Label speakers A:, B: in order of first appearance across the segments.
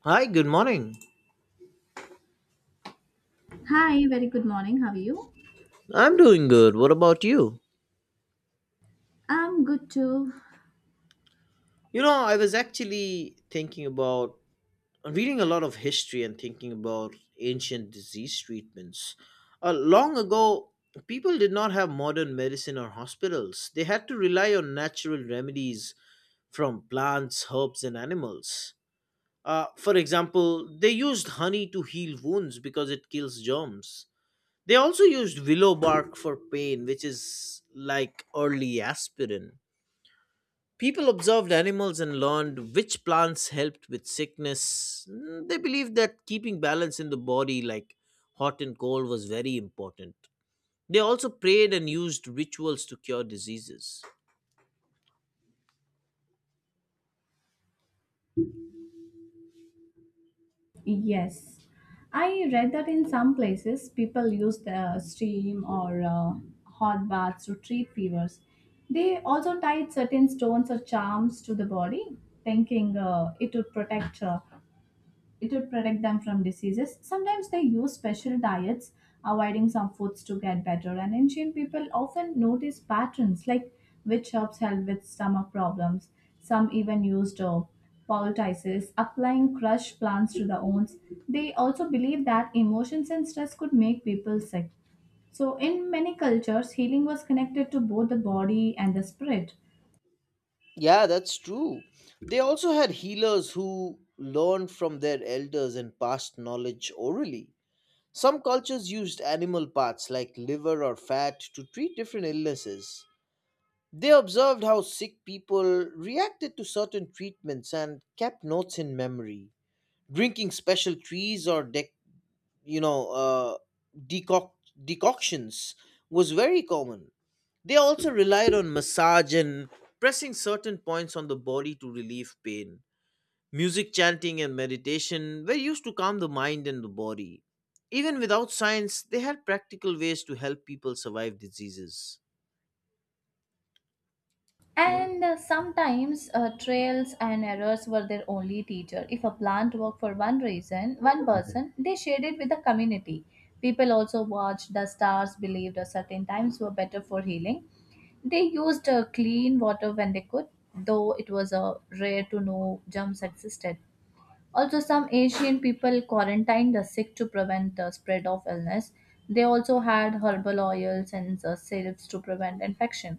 A: Hi, good morning.
B: Hi, very good morning. How are you?
A: I'm doing good. What about you?
B: I'm good too.
A: I was actually thinking about reading a lot of history and thinking about ancient disease treatments. Long ago, people did not have modern medicine or hospitals, they had to rely on natural remedies from plants, herbs, and animals. For example, they used honey to heal wounds because it kills germs. They also used willow bark for pain, which is like early aspirin. People observed animals and learned which plants helped with sickness. They believed that keeping balance in the body, like hot and cold, was very important. They also prayed and used rituals to cure diseases.
B: Yes, I read that in some places people use the steam or hot baths to treat fevers. They also tied certain stones or charms to the body, thinking it would protect. It will protect them from diseases. Sometimes they use special diets, avoiding some foods to get better. And ancient people often notice patterns like which herbs help with stomach problems. Some even used poultices, applying crushed plants to the wounds. They also believed that emotions and stress could make people sick. So, in many cultures, healing was connected to both the body and the spirit.
A: Yeah, that's true. They also had healers who learned from their elders and passed knowledge orally. Some cultures used animal parts like liver or fat to treat different illnesses. They observed how sick people reacted to certain treatments and kept notes in memory. Drinking special trees or you know uh, decoc- decoctions was very common. They also relied on massage and pressing certain points on the body to relieve pain. Music, chanting, and meditation were used to calm the mind and the body. Even without science, they had practical ways to help people survive diseases.
B: And sometimes trails and errors were their only teacher. If a plant worked for one reason, one person, they shared it with the community. People also watched the stars, believed a certain times were better for healing. They used clean water when they could, though it was rare to know germs existed. Also, some Asian people quarantined the sick to prevent the spread of illness. They also had herbal oils and syrups to prevent infection.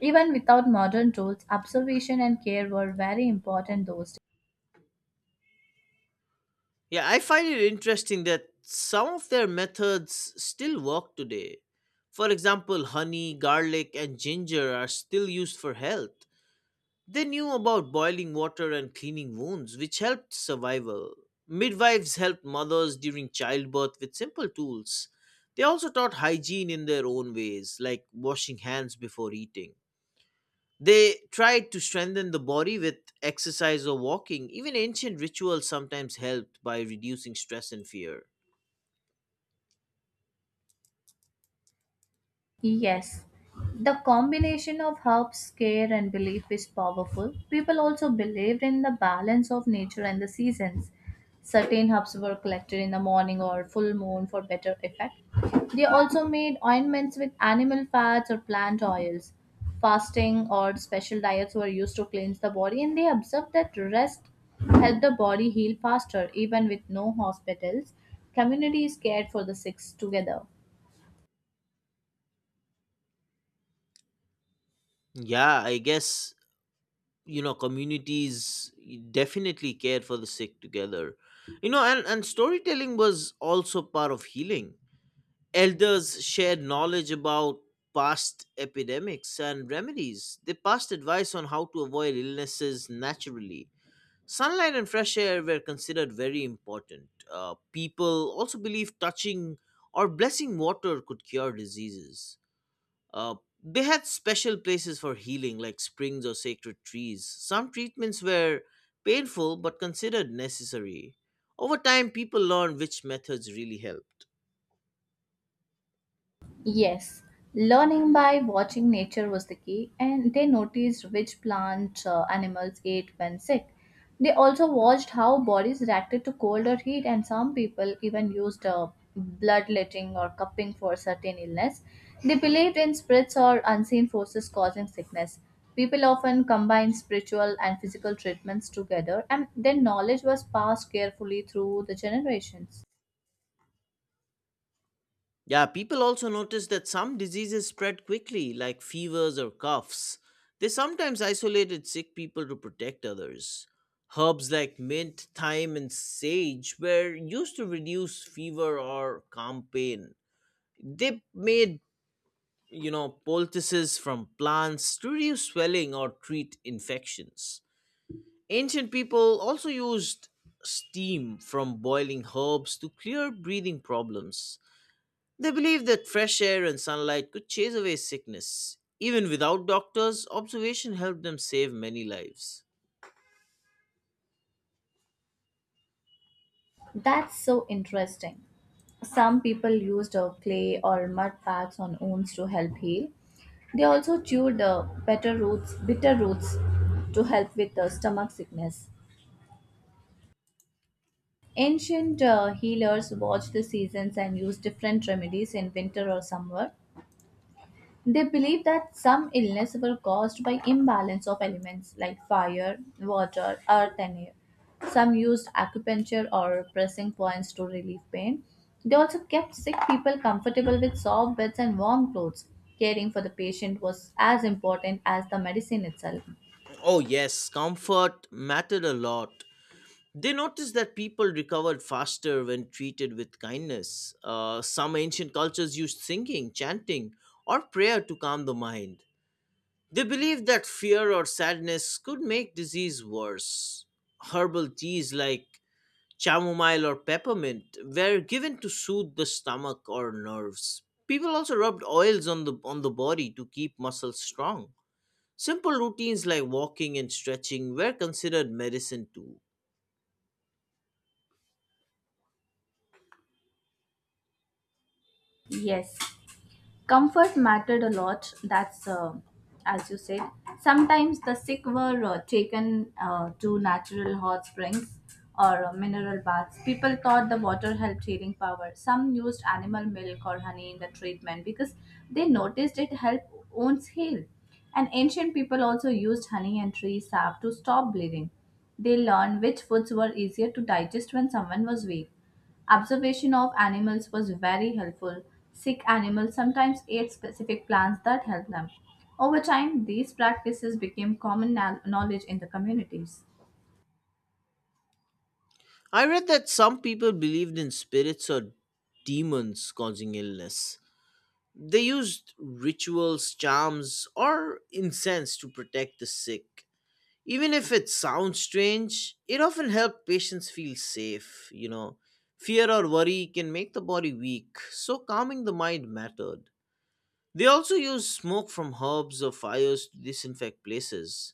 B: Even without modern tools, observation and care were very important, though.
A: Yeah, I find it interesting that some of their methods still work today. For example, honey, garlic, and ginger are still used for health. They knew about boiling water and cleaning wounds, which helped survival. Midwives helped mothers during childbirth with simple tools. They also taught hygiene in their own ways, like washing hands before eating. They tried to strengthen the body with exercise or walking. Even ancient rituals sometimes helped by reducing stress and fear.
B: Yes, the combination of herbs, care, and belief is powerful. People also believed in the balance of nature and the seasons. Certain herbs were collected in the morning or full moon for better effect. They also made ointments with animal fats or plant oils. Fasting or special diets were used to cleanse the body, and they observed that rest helped the body heal faster, even with no hospitals. Communities cared for the sick together.
A: Yeah, I guess, communities definitely cared for the sick together. And storytelling was also part of healing. Elders shared knowledge about past epidemics and remedies. They passed advice on how to avoid illnesses naturally. Sunlight and fresh air were considered very important. People also believed touching or blessing water could cure diseases. Uh, they had special places for healing, like springs or sacred trees. Some treatments were painful but considered necessary. Over time, people learned which methods really helped.
B: Yes, learning by watching nature was the key, and they noticed which plant animals ate when sick. They also watched how bodies reacted to cold or heat, and some people even used bloodletting or cupping for certain illness. They believed in spirits or unseen forces causing sickness. People often combined spiritual and physical treatments together, and their knowledge was passed carefully through the generations.
A: Yeah, people also notice that some diseases spread quickly, like fevers or coughs. They sometimes isolated sick people to protect others. Herbs like mint, thyme, and sage were used to reduce fever or calm pain. They made, poultices from plants to reduce swelling or treat infections. Ancient people also used steam from boiling herbs to clear breathing problems. They believe that fresh air and sunlight could chase away sickness. Even without doctors, observation helped them save many lives.
B: That's so interesting. Some people used clay or mud packs on wounds to help heal. They also chewed bitter roots to help with stomach sickness. Ancient healers watched the seasons and used different remedies in winter or summer. They believe that some illnesses were caused by imbalance of elements like fire, water, earth, and air. Some used acupuncture or pressing points to relieve pain. They also kept sick people comfortable with soft beds and warm clothes. Caring for the patient was as important as the medicine itself.
A: Oh, yes, comfort mattered a lot. They noticed that people recovered faster when treated with kindness. Some ancient cultures used singing, chanting, or prayer to calm the mind. They believed that fear or sadness could make disease worse. Herbal teas like chamomile or peppermint were given to soothe the stomach or nerves. People also rubbed oils on the body to keep muscles strong. Simple routines like walking and stretching were considered medicine too.
B: Yes, comfort mattered a lot. That's as you said. Sometimes the sick were taken to natural hot springs or mineral baths. People thought the water helped healing power. Some used animal milk or honey in the treatment because they noticed it helped wounds heal. And ancient people also used honey and tree sap to stop bleeding. They learned which foods were easier to digest when someone was weak. Observation of animals was very helpful. Sick animals sometimes ate specific plants that helped them. Over time, these practices became common knowledge in the communities.
A: I read that some people believed in spirits or demons causing illness. They used rituals, charms, or incense to protect the sick. Even if it sounds strange, it, often helps patients feel safe, you know. Fear or worry can make the body weak, so calming the mind mattered. They also use smoke from herbs or fires to disinfect places.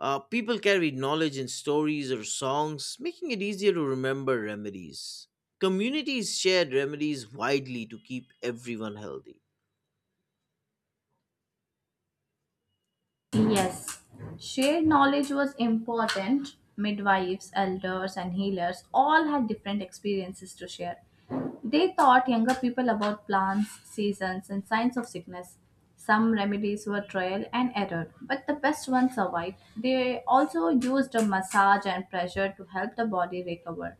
A: People carry knowledge in stories or songs, making it easier to remember remedies. Communities shared remedies widely to keep everyone healthy.
B: Yes, shared knowledge was important. Midwives, elders, and healers all had different experiences to share. They taught younger people about plants, seasons, and signs of sickness. Some remedies were trial and error, but the best ones survived. They also used a massage and pressure to help the body recover.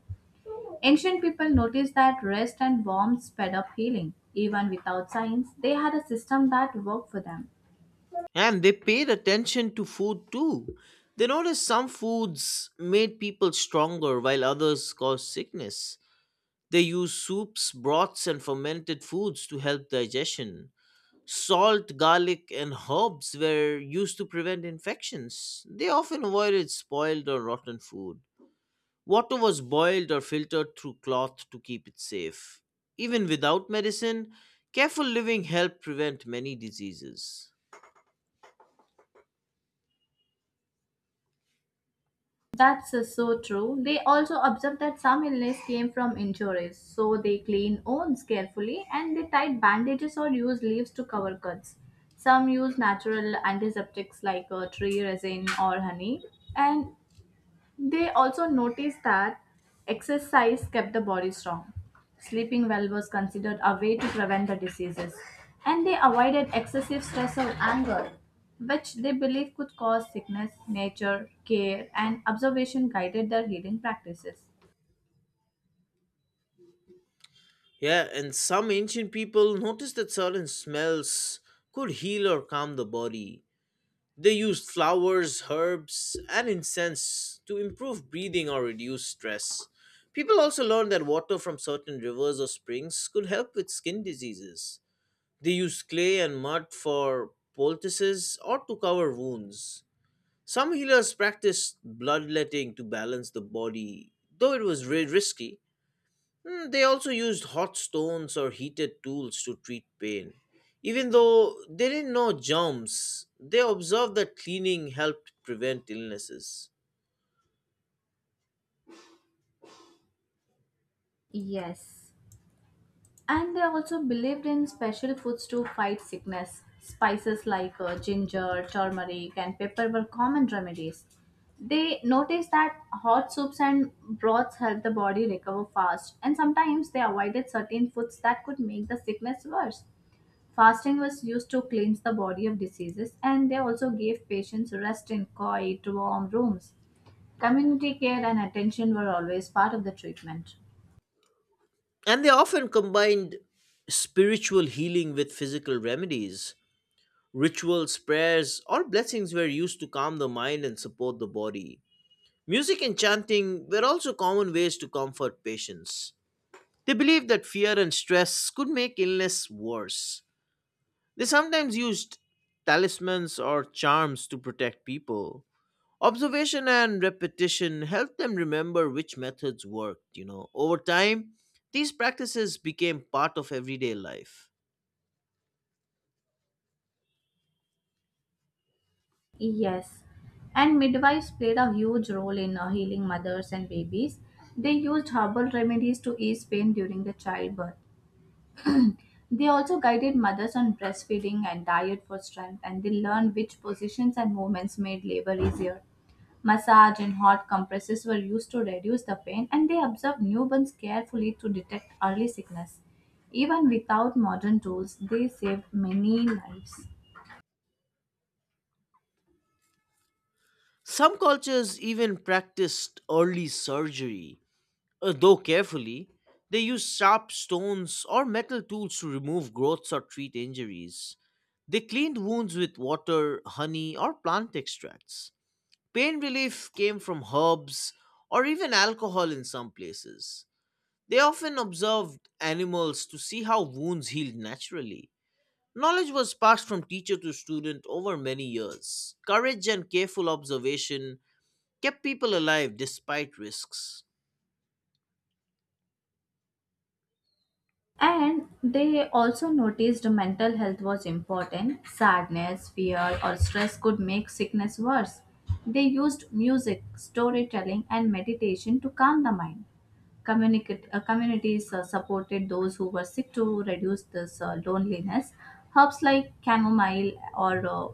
B: Ancient people noticed that rest and warmth sped up healing. Even without science, they had a system that worked for them.
A: And they paid attention to food too. They noticed some foods made people stronger while others caused sickness. They used soups, broths, and fermented foods to help digestion. Salt, garlic, and herbs were used to prevent infections. They often avoided spoiled or rotten food. Water was boiled or filtered through cloth to keep it safe. Even without medicine, careful living helped prevent many diseases.
B: That's so true. They also observed that some illness came from injuries, so they clean wounds carefully and they tied bandages or use leaves to cover cuts. Some use natural antiseptics like tree resin or honey, and they also noticed that exercise kept the body strong. Sleeping well was considered a way to prevent the diseases, and they avoided excessive stress or anger, which they believed could cause sickness. Nature, care, and observation guided their healing practices.
A: Yeah, and some ancient people noticed that certain smells could heal or calm the body. They used flowers, herbs, and incense to improve breathing or reduce stress. People also learned that water from certain rivers or springs could help with skin diseases. They used clay and mud for poultices or to cover wounds. Some healers practiced bloodletting to balance the body, though it was risky. They also used hot stones or heated tools to treat pain. Even though they didn't know germs, they observed that cleaning helped prevent illnesses.
B: Yes. And they also believed in special foods to fight sickness. Spices like ginger, turmeric, and pepper were common remedies. They noticed that hot soups and broths helped the body recover fast, and sometimes they avoided certain foods that could make the sickness worse. Fasting was used to cleanse the body of diseases, and they also gave patients rest in quiet, warm rooms. Community care and attention were always part of the treatment.
A: And they often combined spiritual healing with physical remedies. Rituals, prayers, or blessings were used to calm the mind and support the body. Music and chanting were also common ways to comfort patients. They believed that fear and stress could make illness worse. They sometimes used talismans or charms to protect people. Observation and repetition helped them remember which methods worked. Over time, these practices became part of everyday life.
B: Yes, and midwives played a huge role in healing mothers and babies. They used herbal remedies to ease pain during the childbirth. They also guided mothers on breastfeeding and diet for strength, and they learned which positions and movements made labor easier. Massage and hot compresses were used to reduce the pain, and they observed newborns carefully to detect early sickness. Even without modern tools, they saved many lives.
A: Some cultures even practiced early surgery, though carefully. They used sharp stones or metal tools to remove growths or treat injuries. They cleaned wounds with water, honey, or plant extracts. Pain relief came from herbs or even alcohol in some places. They often observed animals to see how wounds healed naturally. Knowledge was passed from teacher to student over many years. Courage and careful observation kept people alive despite risks.
B: And they also noticed mental health was important. Sadness, fear, or stress could make sickness worse. They used music, storytelling, and meditation to calm the mind. Communities supported those who were sick to reduce this loneliness. Herbs like chamomile or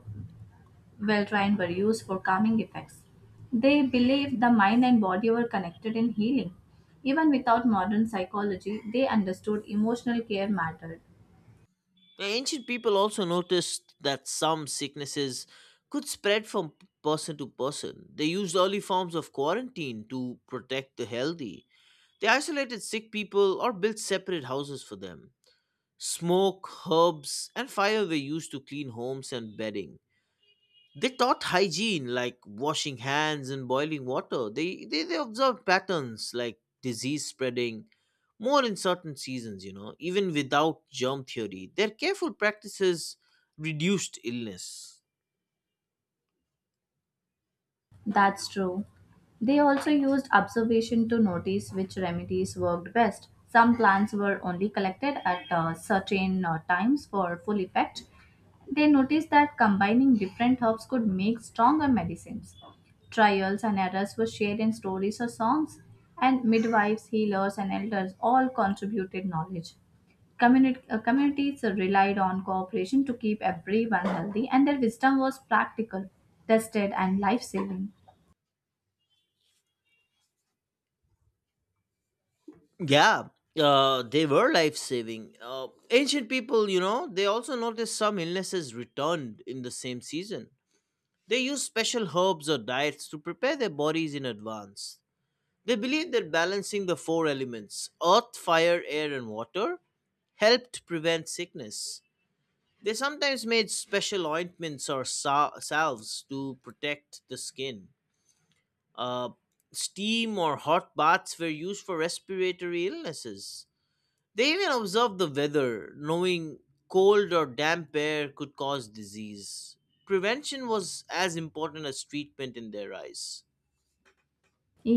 B: Valerian were used for calming effects. They believed the mind and body were connected in healing. Even without modern psychology, they understood emotional care mattered.
A: The ancient people also noticed that some sicknesses could spread from person to person. They used early forms of quarantine to protect the healthy. They isolated sick people or built separate houses for them. Smoke, herbs, and fire were used to clean homes and bedding. They taught hygiene like washing hands and boiling water. They observed patterns like disease spreading more in certain seasons, even without germ theory. Their careful practices reduced illness.
B: That's true. They also used observation to notice which remedies worked best. Some plants were only collected at certain times for full effect. They noticed that combining different herbs could make stronger medicines. Trials and errors were shared in stories or songs, and midwives, healers, and elders all contributed knowledge. Communities relied on cooperation to keep everyone healthy, and their wisdom was practical, tested, and life saving.
A: Yeah, they were life saving. Ancient people, they also noticed some illnesses returned in the same season. They use special herbs or diets to prepare their bodies in advance. They believe that balancing the four elements earth, fire, air, and water helped prevent sickness. They sometimes made special ointments or salves to protect the skin. Uh, Steam or hot baths were used for respiratory illnesses. They even observed the weather, knowing cold or damp air could cause disease. Prevention was as important as treatment in their eyes.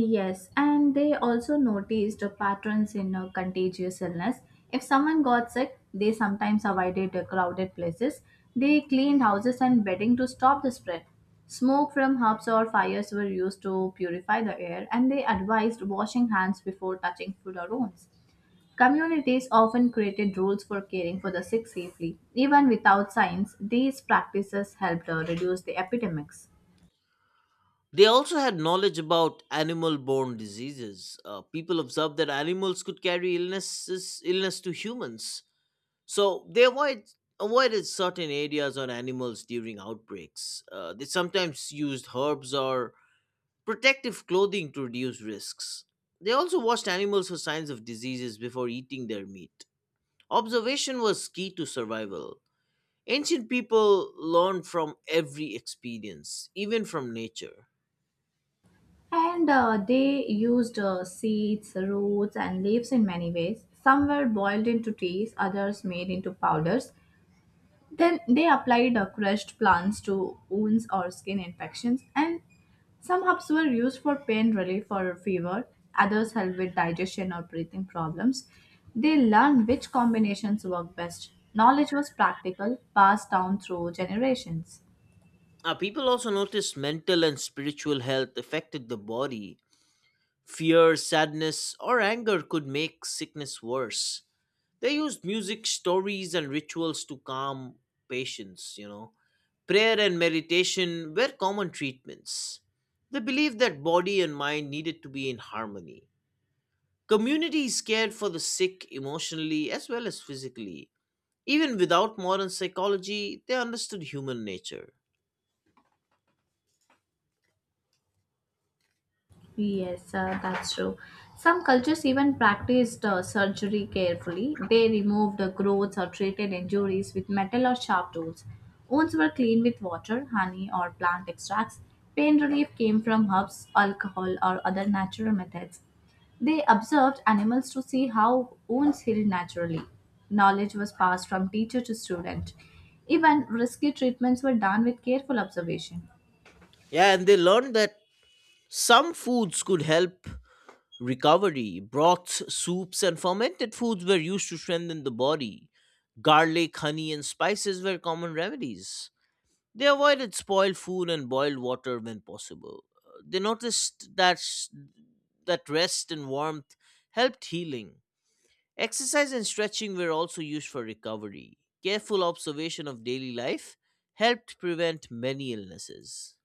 B: Yes, and they also noticed patterns in contagious illness. If someone got sick, they sometimes avoided crowded places. They cleaned houses and bedding to stop the spread. Smoke from hubs or fires were used to purify the air, and they advised washing hands before touching food or rooms. Communities often created rules for caring for the sick safely. Even without science, these practices helped reduce the epidemics.
A: They also had knowledge about animal borne diseases. People observed that animals could carry illness to humans. So avoided certain areas on animals during outbreaks. They sometimes used herbs or protective clothing to reduce risks. They also watched animals for signs of diseases before eating their meat. Observation was key to survival. Ancient people learned from every experience, even from nature.
B: And they used seeds, roots, and leaves in many ways. Some were boiled into teas, others made into powders. Then they applied crushed plants to wounds or skin infections. And some herbs were used for pain relief or fever, others helped with digestion or breathing problems. They learned which combinations work best. Knowledge was practical, passed down through generations.
A: People also noticed mental and spiritual health affected the body. Fear, sadness, or anger could make sickness worse. They used music, stories, and rituals to calm patients. Prayer and meditation were common treatments. They believed that body and mind needed to be in harmony. Communities cared for the sick emotionally as well as physically. Even without modern psychology, they understood human nature.
B: Yes, that's true. Some cultures even practiced surgery carefully. They removed the growths or treated injuries with metal or sharp tools. Wounds were cleaned with water, honey, or plant extracts. Pain relief came from herbs, alcohol, or other natural methods. They observed animals to see how wounds healed naturally. Knowledge was passed from teacher to student. Even risky treatments were done with careful observation.
A: Yeah, and they learned that some foods could help recovery. Broths, soups, and fermented foods were used to strengthen the body. Garlic, honey, and spices were common remedies. They avoided spoiled food and boiled water when possible. They noticed that rest and warmth helped healing. Exercise and stretching were also used for recovery. Careful observation of daily life helped prevent many illnesses.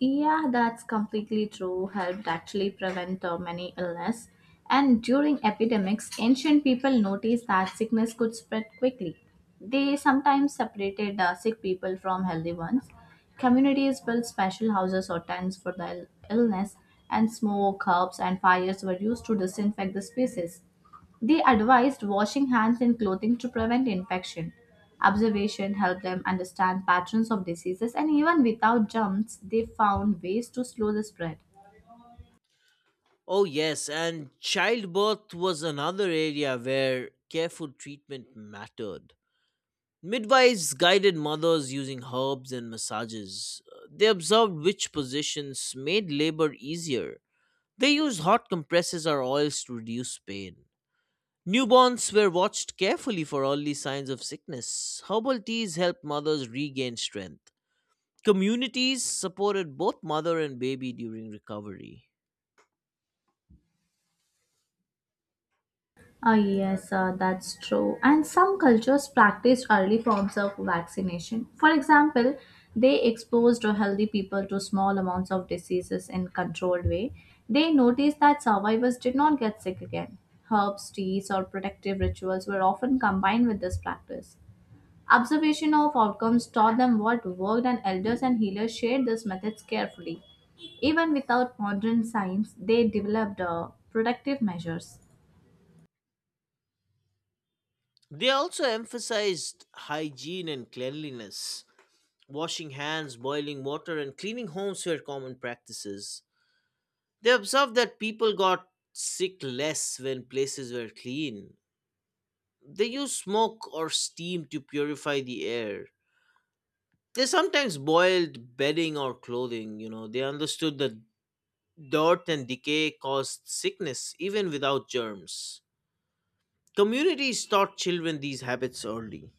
B: Yeah, that's completely true. Helped actually prevent many illness. And during epidemics, ancient people noticed that sickness could spread quickly. They sometimes separated sick people from healthy ones. Communities built special houses or tents for the illness, and smoke, herbs, and fires were used to disinfect the spaces. They advised washing hands in clothing to prevent infection. Observation helped them understand patterns of diseases, and even without germs, they found ways to slow the spread.
A: Oh, yes, and childbirth was another area where careful treatment mattered. Midwives guided mothers using herbs and massages. They observed which positions made labor easier. They used hot compresses or oils to reduce pain. Newborns were watched carefully for early signs of sickness. Herbal teas helped mothers regain strength. Communities supported both mother and baby during recovery.
B: Ah yes, that's true. And some cultures practiced early forms of vaccination. For example, they exposed healthy people to small amounts of diseases in controlled way. They noticed that survivors did not get sick again. Herbs, teas, or protective rituals were often combined with this practice. Observation of outcomes taught them what worked, and elders and healers shared these methods carefully. Even without modern science, they developed productive measures.
A: They also emphasized hygiene and cleanliness. Washing hands, boiling water, and cleaning homes were common practices. They observed that people got sick less when places were clean. They used smoke or steam to purify the air. They sometimes boiled bedding or clothing. They understood that dirt and decay caused sickness even without germs. Communities taught children these habits early.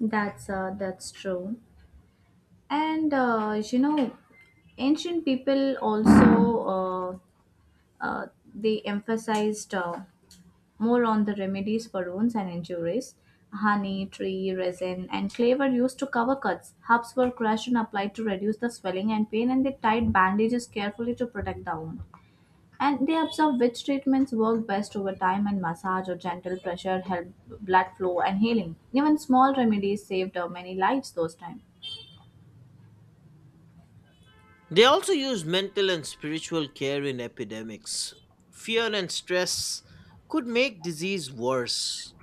B: That's that's true. And you know, ancient people also uh, they emphasized. More on the remedies for wounds and injuries. Honey, tree, resin, and clay were used to cover cuts. Herbs were crushed and applied to reduce the swelling and pain, and they tied bandages carefully to protect the wound. And they observed which treatments worked best over time, and massage or gentle pressure helped blood flow and healing. Even small remedies saved many lives those times.
A: They also use mental and spiritual care in epidemics. Fear and stress could make disease worse.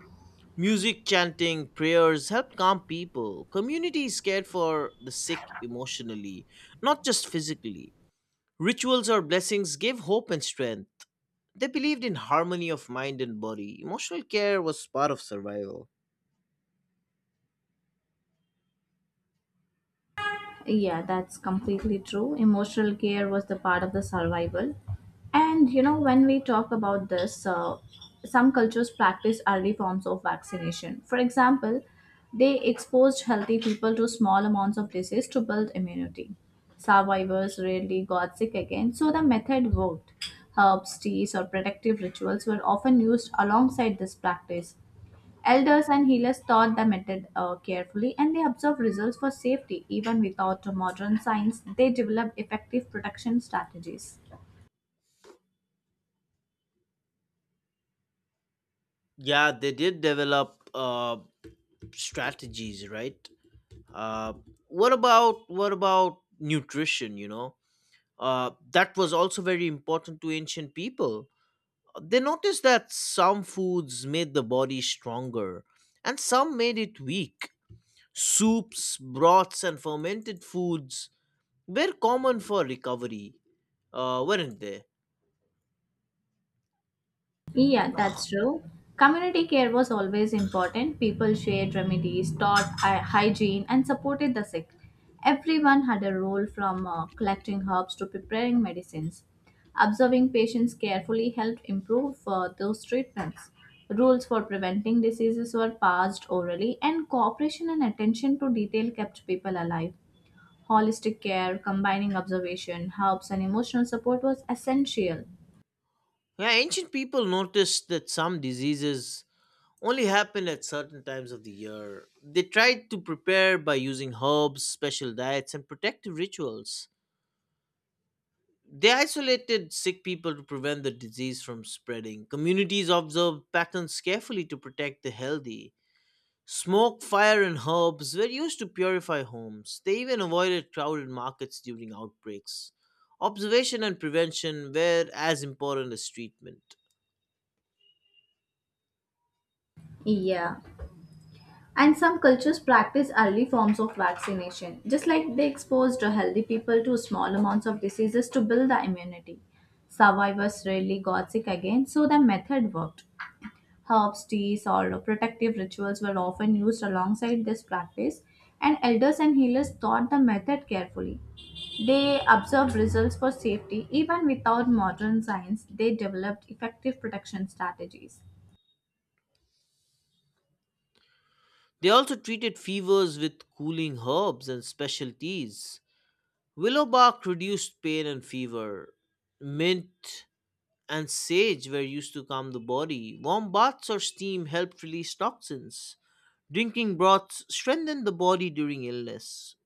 A: Music, chanting, prayers help calm people. Communities care for the sick emotionally, not just physically. Rituals or blessings gave hope and strength. They believed in harmony of mind and body. Emotional care was part of survival.
B: Yeah, that's completely true. Emotional care was the part of the survival. And you know, when we talk about this, some cultures practice early forms of vaccination. For example, they exposed healthy people to small amounts of disease to build immunity. Survivors rarely got sick again, so the method worked. Herbs, teas, or protective rituals were often used alongside this practice. Elders and healers taught the method carefully and they observed results for safety. Even without modern science, they developed effective protection strategies.
A: Yeah, they did develop strategies, right? uh, what about nutrition? That was also very important to ancient people. They noticed that some foods made the body stronger and some made it weak. Soups, broths, and fermented foods were common for recovery, weren't they?
B: Yeah, that's true. Community care was always important. People shared remedies, taught hygiene, and supported the sick. Everyone had a role from collecting herbs to preparing medicines. Observing patients carefully helped improve those treatments. Rules for preventing diseases were passed orally, and cooperation and attention to detail kept people alive. Holistic care, combining observation, herbs, and emotional support was essential.
A: Yeah, ancient people noticed that some diseases only happen at certain times of the year. They tried to prepare by using herbs, special diets, and protective rituals. They isolated sick people to prevent the disease from spreading. Communities observed patterns carefully to protect the healthy. Smoke, fire, and herbs were used to purify homes. They even avoided crowded markets during outbreaks. Observation and prevention were as important as treatment.
B: Yeah. And some cultures practice early forms of vaccination, just like they exposed healthy people to small amounts of diseases to build the immunity. Survivors rarely got sick again, so the method worked. Herbs, teas, or protective rituals were often used alongside this practice, and elders and healers taught the method carefully. They observed results for safety even without modern science, they developed effective protection strategies.
A: They also treated fevers with cooling herbs and special teas. Willowbark reduced pain and fever. Mint and sage were used to calm the body. Warm baths or steam helped release toxins. Drinking broths strengthened the body during illness.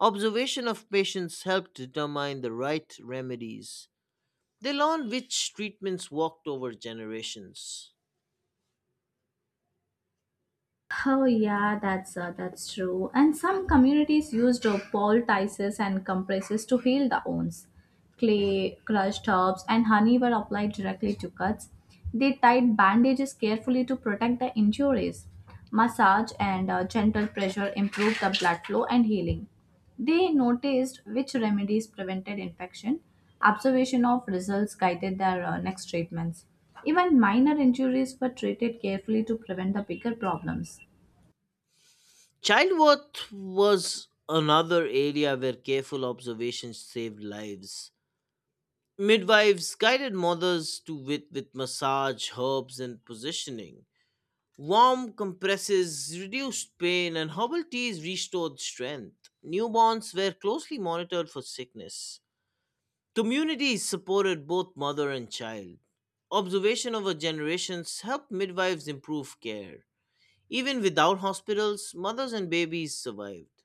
A: Observation of patients helped determine the right remedies. They learned which treatments worked over generations.
B: Oh yeah, that's true. And some communities used poultices and compresses to heal the wounds. Clay, crushed herbs, and honey were applied directly to cuts. They tied bandages carefully to protect the injuries. Massage and gentle pressure improved the blood flow and healing. They noticed which remedies prevented infection. Observation of results guided their next treatments. Even minor injuries were treated carefully to prevent the bigger problems.
A: Childbirth was another area where careful observation saved lives. Midwives guided mothers with massage, herbs, and positioning. Warm compresses reduced pain, and herbal teas restored strength. Newborns were closely monitored for sickness. Communities supported both mother and child. Observation over generations helped midwives improve care. Even without hospitals, mothers and babies survived.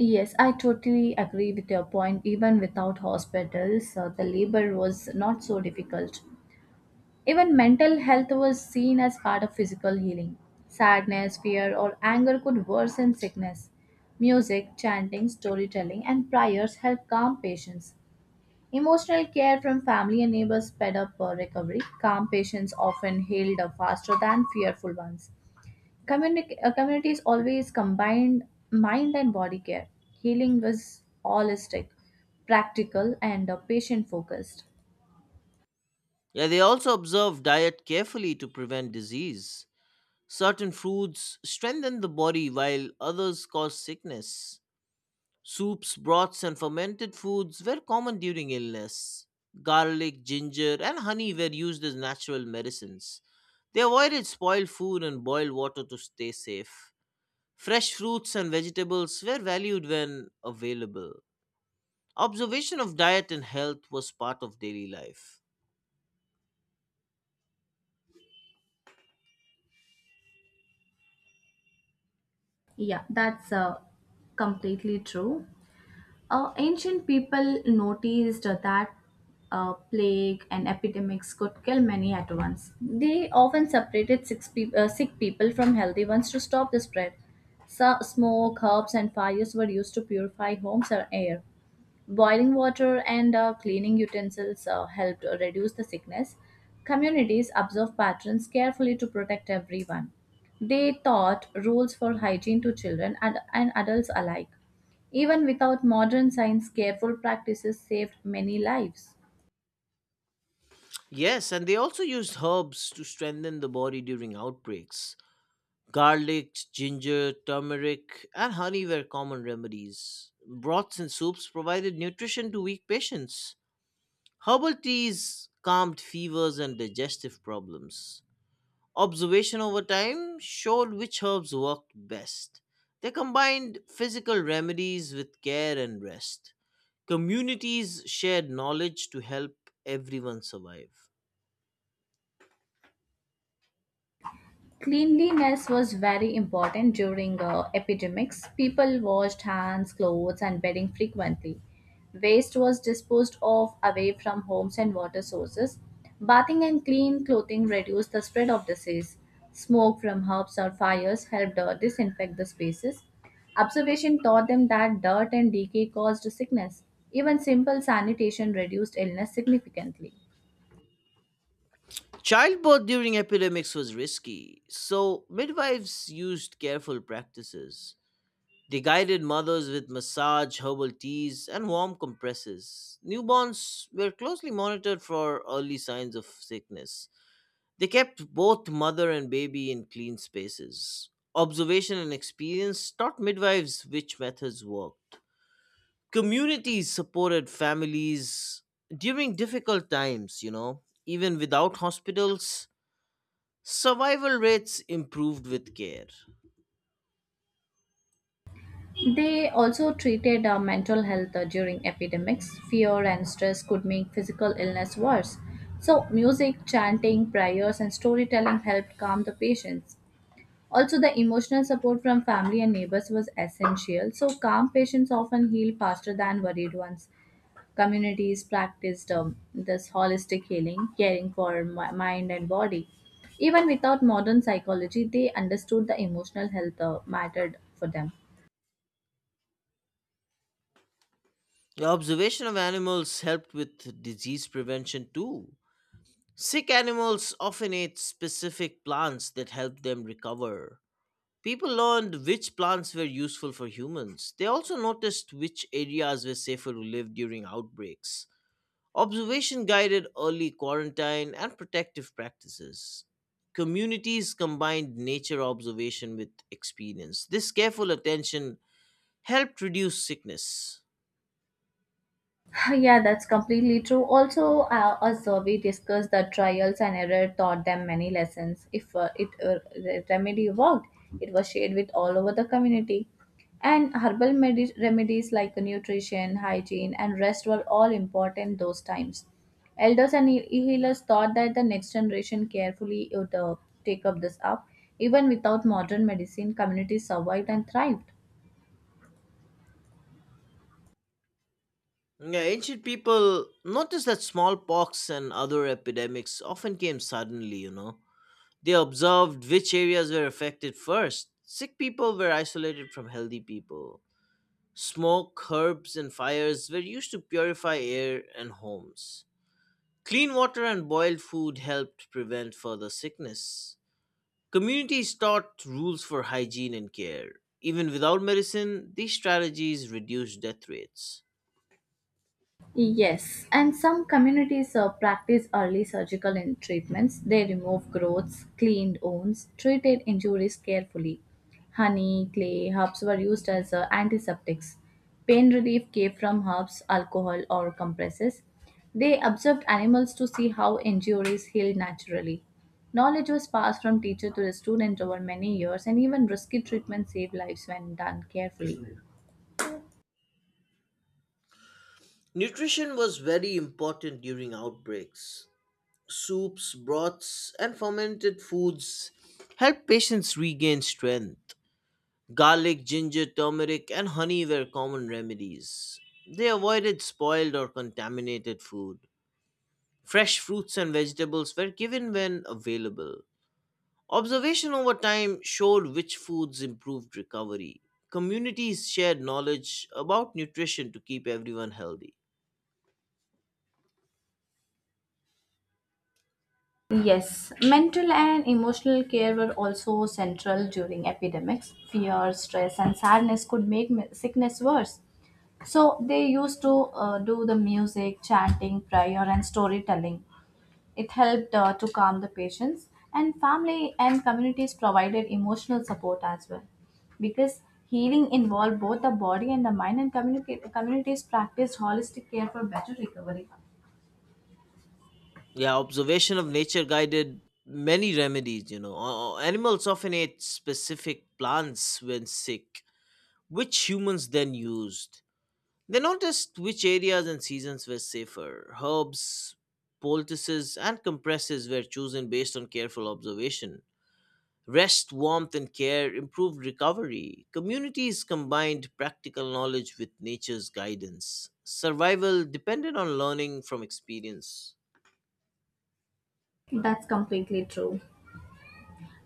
B: Yes, I totally agree with your point. Even without hospitals, the labor was not so difficult. Even mental health was seen as part of physical healing. Sadness, fear, or anger could worsen sickness. Music, chanting, storytelling, and prayers help calm patients. Emotional care from family and neighbors sped up recovery. Calm patients often healed up faster than fearful ones. Communities always combined mind and body care. Healing was holistic, practical, and patient focused.
A: Yeah, they also observed diet carefully to prevent disease. Certain foods strengthen the body while others cause sickness. Soups, broths, and fermented foods were common during illness. Garlic, ginger, and honey were used as natural medicines. They avoided spoiled food and boiled water to stay safe. Fresh fruits and vegetables were valued when available. Observation of diet and health was part of daily life.
B: Yeah, that's Completely true. Ancient people noticed that plague and epidemics could kill many at once. They often separated six peop sick people from healthy ones to stop the spread. So, smoke, herbs, and fires were used to purify homes and air. Boiling water and cleaning utensils helped reduce the sickness. Communities observe patterns carefully to protect everyone. They taught rules for hygiene to children and adults alike. Even without modern science, careful practices saved many lives.
A: Yes, and they also used herbs to strengthen the body during outbreaks. Garlic, ginger, turmeric, and honey were common remedies. Broths and soups provided nutrition to weak patients. Herbal teas calmed fevers and digestive problems. Observation over time showed which herbs worked best. They combined physical remedies with care and rest. Communities shared knowledge to help everyone survive.
B: Cleanliness was very important during epidemics. People washed hands, clothes, and bedding frequently. Waste was disposed of away from homes and water sources. Bathing and clean clothing reduced the spread of disease. Smoke from herbs or fires helped disinfect the spaces. Observation taught them that dirt and decay caused sickness. Even simple sanitation reduced illness significantly.
A: Childbirth during epidemics was risky, so midwives used careful practices. They guided mothers with massage, herbal teas, and warm compresses. Newborns were closely monitored for early signs of sickness. They kept both mother and baby in clean spaces. Observation and experience taught midwives which methods worked. Communities supported families during difficult times, you know, even without hospitals. Survival rates improved with care.
B: They also treated mental health during epidemics. Fear and stress could make physical illness worse. So, music, chanting, prayers, and storytelling helped calm the patients. Also, the emotional support from family and neighbors was essential. So, calm patients often heal faster than worried ones. Communities practiced this holistic healing, caring for mind and body. Even without modern psychology, they understood the emotional health mattered for them.
A: The observation of animals helped with disease prevention too. Sick animals often ate specific plants that helped them recover. People learned which plants were useful for humans. They also noticed which areas were safer to live during outbreaks. Observation guided early quarantine and protective practices. Communities combined nature observation with experience. This careful attention helped reduce sickness.
B: Yeah, that's completely true. Also, a survey discussed that trials and error taught them many lessons. If it The remedy worked, it was shared with all over the community. And remedies like nutrition, hygiene, and rest were all important those times. Elders and healers thought that the next generation carefully would take up this up. Even without modern medicine, communities survived and thrived.
A: Yeah, ancient people noticed that smallpox and other epidemics often came suddenly, you know. They observed which areas were affected first. Sick people were isolated from healthy people. Smoke, herbs, and fires were used to purify air and homes. Clean water and boiled food helped prevent further sickness. Communities taught rules for hygiene and care. Even without medicine, these strategies reduced death rates.
B: Yes, and some communities practice early surgical in treatments. They remove growths, cleaned wounds, treated injuries carefully. Honey, clay, herbs were used as antiseptics. Pain relief came from herbs, alcohol, or compresses. They observed animals to see how injuries healed naturally. Knowledge was passed from teacher to the student over many years, and even risky treatment saved lives when done carefully.
A: Nutrition was very important during outbreaks. Soups, broths, and fermented foods help patients regain strength. Garlic, ginger, turmeric, and honey were common remedies. They avoided spoiled or contaminated food. Fresh fruits and vegetables were given when available. Observation over time showed which foods improved recovery. Communities shared knowledge about nutrition to keep everyone healthy.
B: Yes, mental and emotional care were also central during epidemics. Fear, stress, and sadness could make sickness worse. So they used to do the music, chanting, prayer, and storytelling. It helped to calm the patients, and family and communities provided emotional support as well. Because healing involved both the body and the mind, and communities practiced holistic care for better recovery.
A: Yeah, observation of nature guided many remedies, you know. Animals often ate specific plants when sick, which humans then used. They noticed which areas and seasons were safer. Herbs, poultices, and compresses were chosen based on careful observation. Rest, warmth, and care improved recovery. Communities combined practical knowledge with nature's guidance. Survival depended on learning from experience.
B: That's completely true.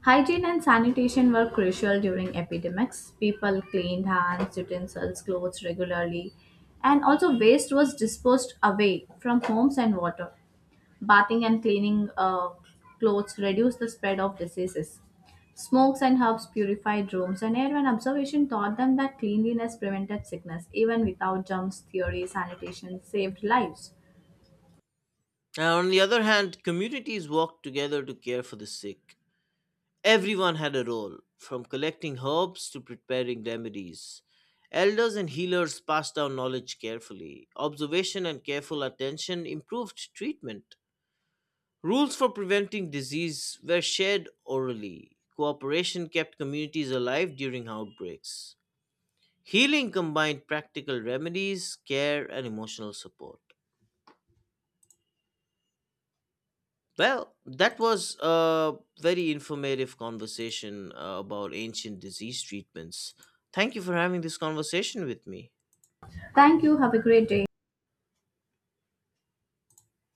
B: Hygiene and sanitation were crucial during epidemics. People cleaned hands, utensils, clothes regularly, and also waste was disposed away from homes and water. Bathing and cleaning clothes reduced the spread of diseases. Smokes and herbs purified rooms and air, and observation taught them that cleanliness prevented sickness. Even without germs theory, sanitation saved lives.
A: Now, on the other hand, communities worked together to care for the sick. Everyone had a role, from collecting herbs to preparing remedies. Elders and healers passed down knowledge carefully. Observation and careful attention improved treatment. Rules for preventing disease were shared orally. Cooperation kept communities alive during outbreaks. Healing combined practical remedies, care, and emotional support. Well, that was a very informative conversation about ancient disease treatments. Thank you for having this conversation with me.
B: Thank you. Have a great day.